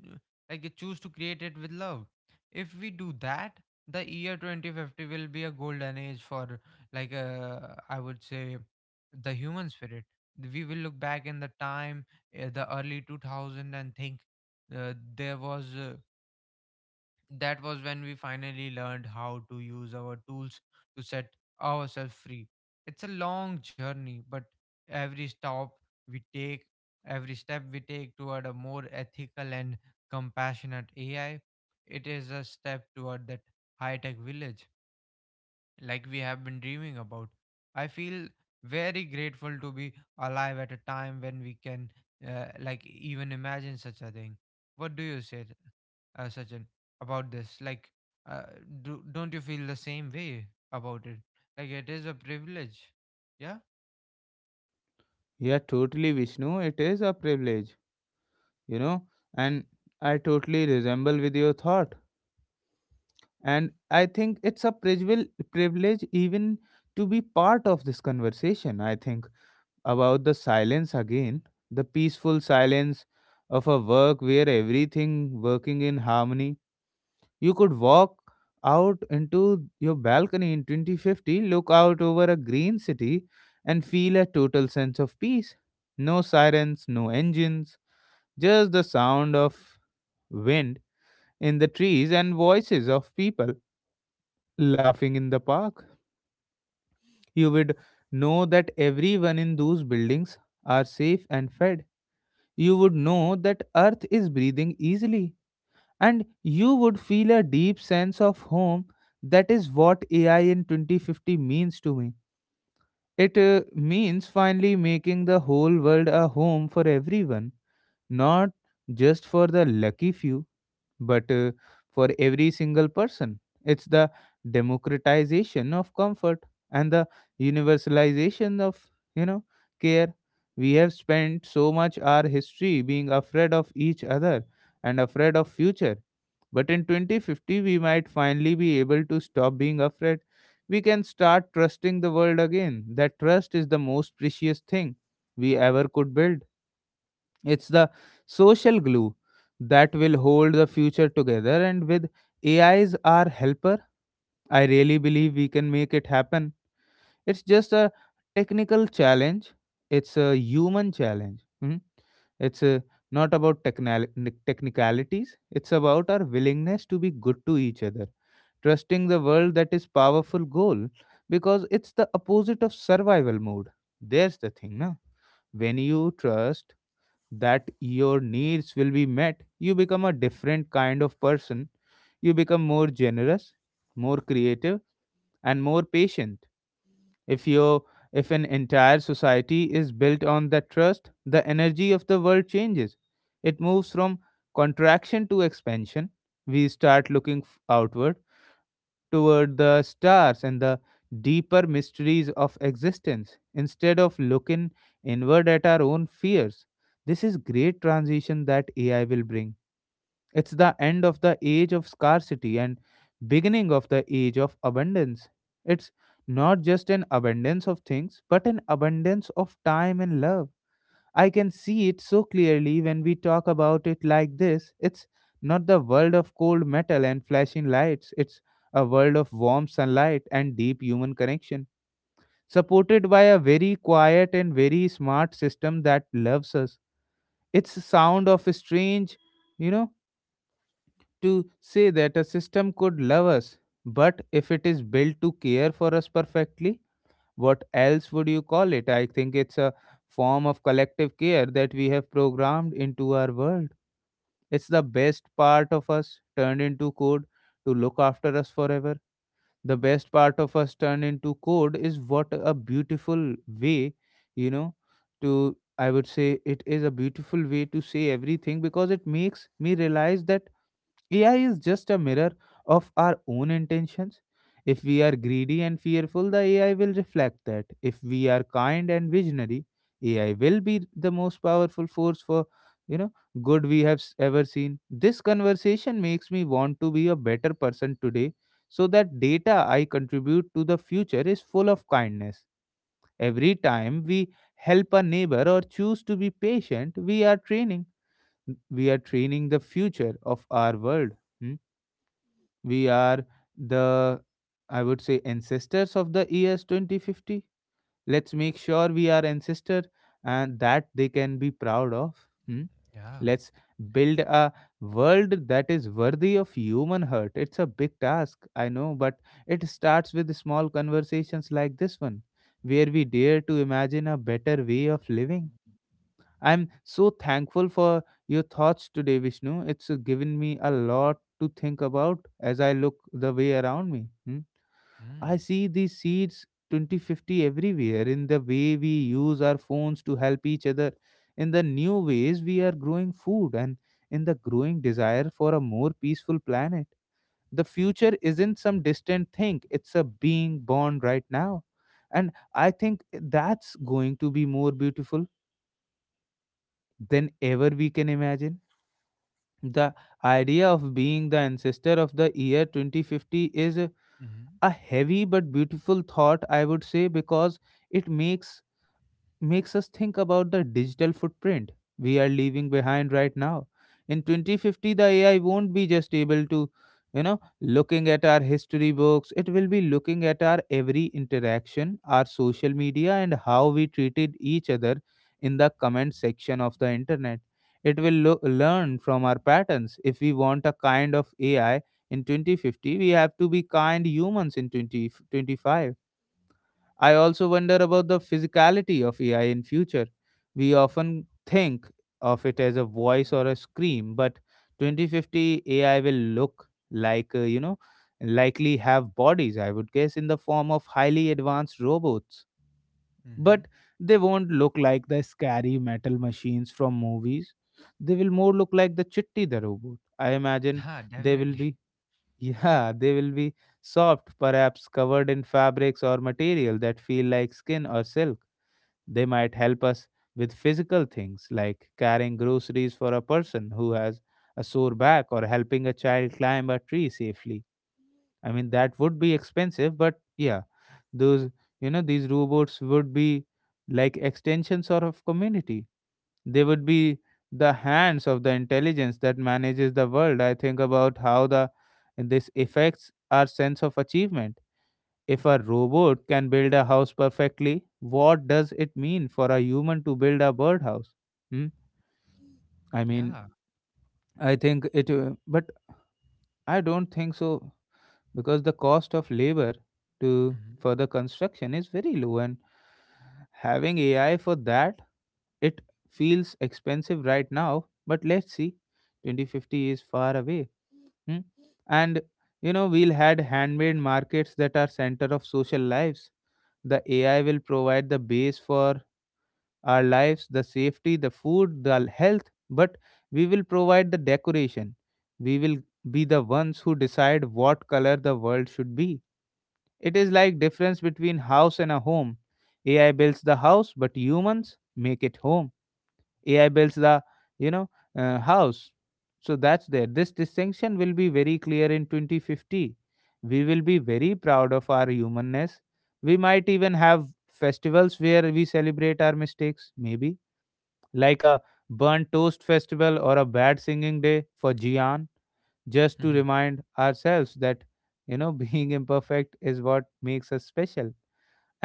S2: like choose to create it with love. If we do that, the year twenty fifty will be a golden age for like uh, I would say the human spirit. We will look back in the time, uh, the early two thousand, and think uh, there was uh, that was when we finally learned how to use our tools to set ourselves free. It's a long journey, but every stop we take, every step we take toward a more ethical and compassionate A I, it is a step toward that high tech village like we have been dreaming about. I feel very grateful to be alive at a time when we can, uh, like, even imagine such a thing. What do you say, uh, Sachin, about this? Like, uh, do, don't you feel the same way about it? Like, it is a privilege. Yeah?
S1: yeah, totally, Vishnu. It is a privilege, you know, and I totally resemble with your thought. And I think it's a privil- privilege even to be part of this conversation. I think about the silence again, the peaceful silence of a work where everything working in harmony. You could walk out into your balcony in twenty fifty, look out over a green city, and feel a total sense of peace. No sirens, no engines, just the sound of wind in the trees and voices of people laughing in the park. You would know that everyone in those buildings are safe and fed. You would know that Earth is breathing easily and you would feel a deep sense of home. That is what A I in twenty fifty means to me. It uh, means finally making the whole world a home for everyone, not just for the lucky few, but uh, for every single person. It's the democratization of comfort and the universalization of, you know, care. We have spent so much our history being afraid of each other and afraid of future. But in twenty fifty, we might finally be able to stop being afraid. We can start trusting the world again. That trust is the most precious thing we ever could build. It's the social glue that will hold the future together. And with A I as our helper, I really believe we can make it happen. It's just a technical challenge, it's a human challenge. Mhm. It's uh, not about technali- nic- technicalities, it's about our willingness to be good to each other. Trusting the world, that is powerful goal because it's the opposite of survival mode. There's the thing, na? When you trust that your needs will be met, you become a different kind of person. You become more generous, more creative, and more patient. If your, if an entire society is built on that trust, the energy of the world changes. It moves from contraction to expansion. We start looking f- outward toward the stars and the deeper mysteries of existence instead of looking inward at our own fears. This is great transition that A I will bring. It's the end of the age of scarcity and beginning of the age of abundance. It's not just an abundance of things, but an abundance of time and love. I can see it so clearly when we talk about it like this. It's not the world of cold metal and flashing lights, it's a world of warm sunlight and deep human connection, supported by a very quiet and very smart system that loves us. It's a sound of a strange, you know, to say that a system could love us, but if it is built to care for us perfectly, what else would you call it? I think it's a form of collective care that we have programmed into our world. It's the best part of us turned into code to look after us forever. The best part of us turned into code is what a beautiful way, you know, to I would say it is a beautiful way to say everything because it makes me realize that A I is just a mirror of our own intentions. If we are greedy and fearful, the A I will reflect that. If we are kind and visionary, A I will be the most powerful force for you know good we have s- ever seen. This conversation makes me want to be a better person today so that data I contribute to the future is full of kindness. Every time we help a neighbor or choose to be patient, we are training we are training the future of our world. Hmm? We are the, I would say, ancestors of the years twenty fifty. Let's make sure we are ancestor and that they can be proud of. Hmm?
S2: Yeah.
S1: Let's build a world that is worthy of human heart. It's a big task, I know, but it starts with small conversations like this one, where we dare to imagine a better way of living. I'm so thankful for your thoughts today, Vishnu. It's uh, given me a lot to think about as I look the way around me. Hmm. I
S2: Mm.
S1: see these seeds twenty fifty everywhere in the way we use our phones to help each other, in the new ways we are growing food, and in the growing desire for a more peaceful planet. The future isn't some distant thing, it's a being born right now. And I think that's going to be more beautiful than ever we can imagine. The idea of being the ancestor of the year twenty fifty is a
S2: Mm-hmm.
S1: heavy but beautiful thought, I would say, because it makes makes us think about the digital footprint we are leaving behind right now. In twenty fifty, the A I won't be just able to, you know, looking at our history books. It will be looking at our every interaction, our social media, and how we treated each other in the comment section of the internet. It will lo- learn from our patterns. If we want a kind of A I in twenty fifty, we have to be kind humans in twenty twenty-five. I also wonder about the physicality of A I in future. We often think of it as a voice or a scream, but twenty fifty A I will look like, uh, you know, likely have bodies, I would guess, in the form of highly advanced robots.
S2: Mm-hmm.
S1: But they won't look like the scary metal machines from movies. They will more look like the Chitti the robot. I imagine
S2: Yeah,
S1: they will
S2: definitely.
S1: be, yeah, they will be soft, perhaps covered in fabrics or material that feel like skin or silk. They might help us with physical things like carrying groceries for a person who has a sore back or helping a child climb a tree safely. I mean, that would be expensive, but yeah, those, you know these robots would be like extensions or of community. They would be the hands of the intelligence that manages the world. I think about how the this affects our sense of achievement. If a robot can build a house perfectly, what does it mean for a human to build a birdhouse? Hmm? I mean,
S2: Yeah.
S1: I think it uh, but I don't think so, because the cost of labor to
S2: Mm-hmm.
S1: for the construction is very low, and having AI for that, it feels expensive right now, but let's see. twenty fifty is far away. Hmm? And you know we'll had handmade markets that are center of social lives. The AI will provide the base for our lives, the safety, the food, the health, but we will provide the decoration. We will be the ones who decide what color the world should be. It is like difference between house and a home. A I builds the house, but humans make it home. A I builds the you know uh, house. So that's there. This distinction will be very clear in twenty fifty. We will be very proud of our humanness. We might even have festivals where we celebrate our mistakes, maybe like a burnt toast festival or a bad singing day for Jian, just to remind ourselves that you know being imperfect is what makes us special.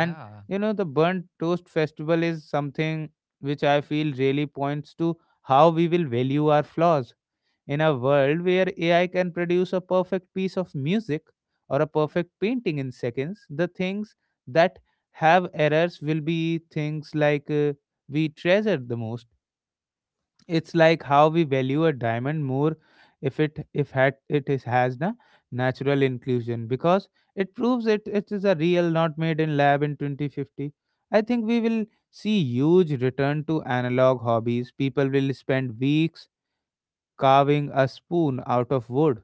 S2: Yeah.
S1: you know, the burnt toast festival is something which I feel really points to how we will value our flaws. In a world where A I can produce a perfect piece of music or a perfect painting in seconds, the things that have errors will be things like uh, we treasure the most. It's like how we value a diamond more if it if had it is has the natural inclusion, because it proves it it is a real not made in lab. In twenty fifty, I think we will see huge return to analog hobbies. People will spend weeks carving a spoon out of wood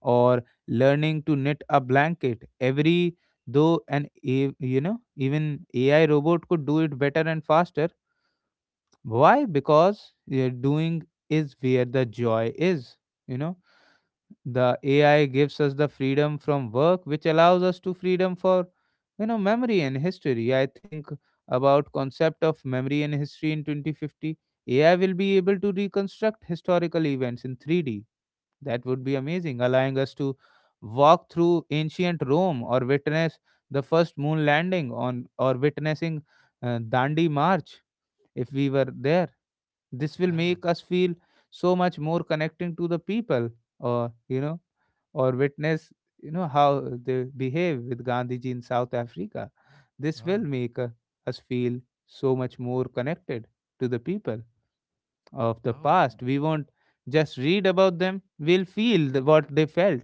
S1: or learning to knit a blanket, every though an A- you know even ai robot could do it better and faster. Why? Because you're doing is where the joy is. You know, the A I gives us the freedom from work, which allows us to freedom for, you know, memory and history. I think about concept of memory and history in twenty fifty. A I will be able to reconstruct historical events in three D. That would be amazing, allowing us to walk through ancient Rome or witness the first moon landing on or witnessing uh, Dandi March if we were there. This will
S2: Yeah.
S1: make us feel so much more connecting to the people, or, you know, or witness, you know, how they behave with Gandhiji in South Africa. This will
S2: Oh.
S1: make uh, us feel so much more connected to the people of the
S2: Oh.
S1: past. We won't just read about them, we'll feel the, what they felt.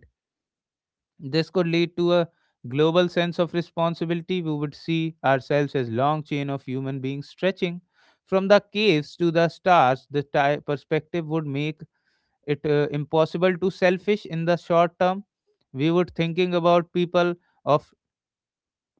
S1: This could lead to a global sense of responsibility. We would see ourselves as long chain of human beings stretching from the caves to the stars. The ti- perspective would make it uh, impossible to selfish in the short term. We would thinking about people of,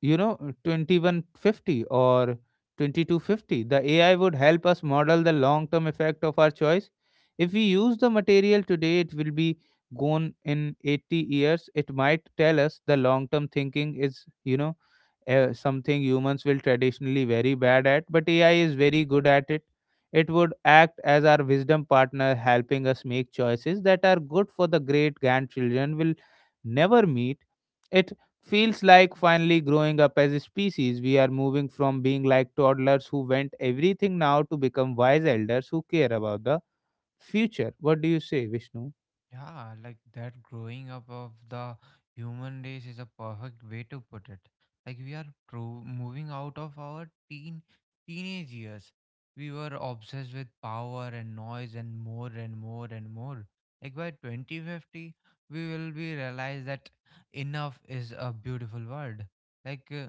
S1: you know twenty one fifty or twenty two fifty. The AI would help us model the long term effect of our choice. If we use the material today, it will be gone in eighty years. It might tell us the long term thinking is, you know uh, something humans will traditionally very bad at, but AI is very good at it. It would act as our wisdom partner, helping us make choices that are good for the great grandchildren will never meet. It feels like finally growing up as a species. We are moving from being like toddlers who went everything now to become wise elders who care about the future. What do you say, Vishnu?
S2: Yeah, like that growing up of the human race is a perfect way to put it. Like we are pro- moving out of our teen teenage years. We were obsessed with power and noise and more and more and more. Like by twenty fifty, we will be realize that enough is a beautiful word. Like uh,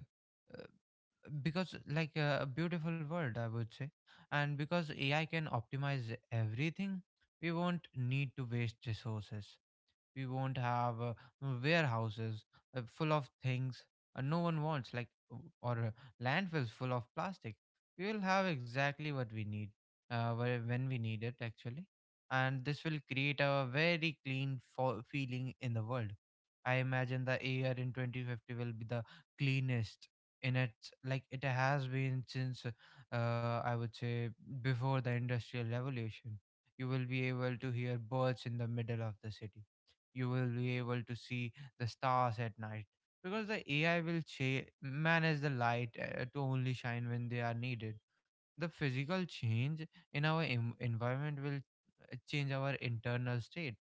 S2: because like uh, A beautiful world, I would say. And because AI can optimize everything, we won't need to waste resources. We won't have uh, warehouses uh, full of things uh, no one wants, like w- or uh, landfills full of plastic. We will have exactly what we need uh, wh- when we need it, actually. And this will create a very clean fo- feeling in the world. I imagine the air in twenty fifty will be the cleanest in its like it has been since, uh, I would say, before the industrial revolution. You will be able to hear birds in the middle of the city. You will be able to see the stars at night, because the A I will cha- manage the light uh, to only shine when they are needed. The physical change in our em- environment will uh, change our internal state.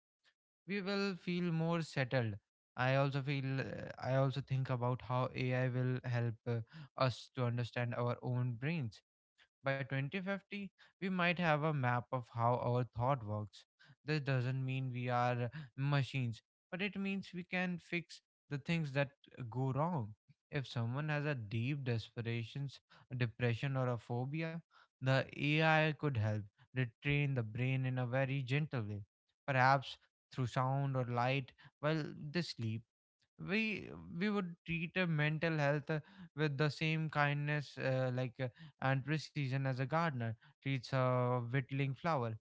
S2: We will feel more settled. I also feel uh, I also think about how A I will help uh, us to understand our own brains. By twenty fifty, we might have a map of how our thought works. This doesn't mean we are machines, but it means we can fix the things that go wrong. If someone has a deep desperation, a depression, or a phobia, the A I could help retrain the brain in a very gentle way, perhaps through sound or light while they sleep. We we would treat a mental health, uh, with the same kindness, uh, like uh, and precision as a gardener treats a whittling flower.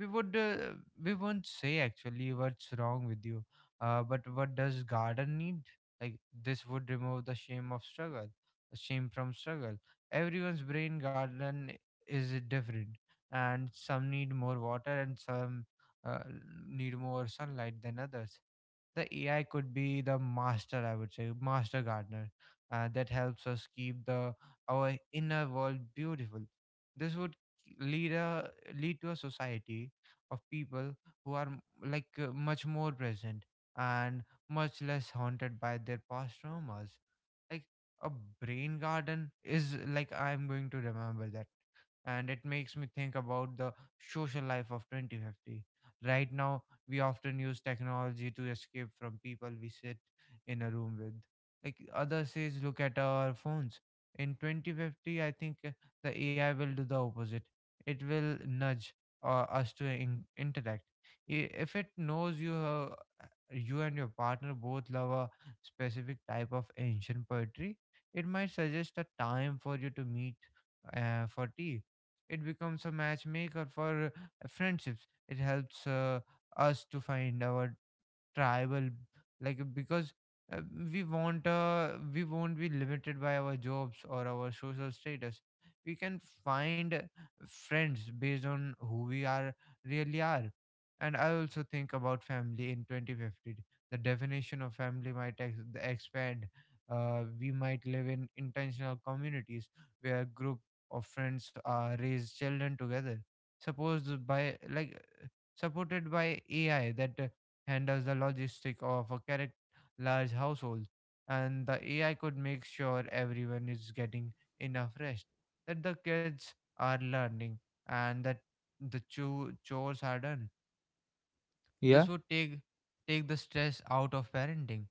S2: we would uh, we won't say, actually, what's wrong with you, uh, but what does garden need. Like, this would remove the shame of struggle shame from struggle. Everyone's brain garden is different, and some need more water and some uh, need more sunlight than others. The A I could be the master, I would say, master gardener uh, that helps us keep the our inner world beautiful. This would lead a lead to a society of people who are m- like, uh, much more present and much less haunted by their past traumas. Like a brain garden is like I'm going to remember that, and it makes me think about the social life of twenty fifty. Right now, we often use technology to escape from people we sit in a room with, like others says, look at our phones. In twenty fifty, I think, uh, the AI will do the opposite. It will nudge uh, us to in- interact. I- if it knows you, uh, you and your partner both love a specific type of ancient poetry, it might suggest a time for you to meet uh, for tea. It becomes a matchmaker for uh, friendships. It helps uh, us to find our tribal, like, because uh, we won't uh, we won't be limited by our jobs or our social status. We can find uh, friends based on who we are really are. And I also think about family in twenty fifty. The definition of family might ex- expand. Uh, we might live in intentional communities where a group of friends uh, raise children together, suppose by like supported by A I that uh, handles the logistic of a correct large household. And the A I could make sure everyone is getting enough rest, that the kids are learning, and that the cho- chores are done. This
S1: Yeah.
S2: would take take the stress out of parenting.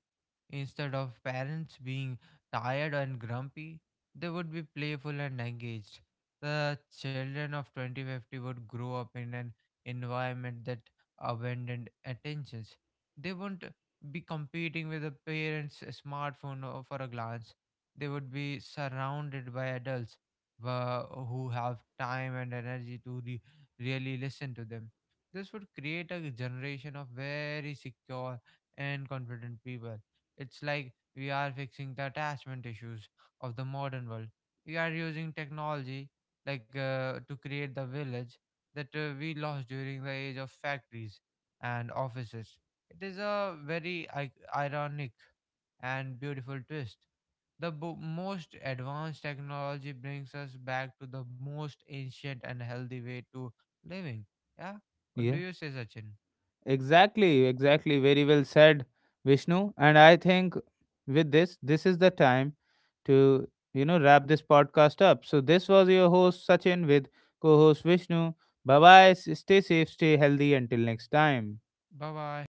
S2: Instead of parents being tired and grumpy, they would be playful and engaged. The children of twenty fifty would grow up in an environment that abandoned attentions. They won't be competing with the parents' smartphone o- for a glance. They would be surrounded by adults uh, who have time and energy to re- really listen to them. This would create a generation of very secure and confident people. It's like we are fixing the attachment issues of the modern world. We are using technology, like uh, to create the village that uh, we lost during the age of factories and offices. It is a very I- ironic and beautiful twist. The bo- most advanced technology brings us back to the most ancient and healthy way to living. Yeah. What do
S1: yeah
S2: you say, Sachin?
S1: Exactly, exactly. Very well said, Vishnu. And I think with this, this is the time to, you know, wrap this podcast up. So this was your host, Sachin, with co host Vishnu. Bye bye. Stay safe, stay healthy. Until next time.
S2: Bye bye.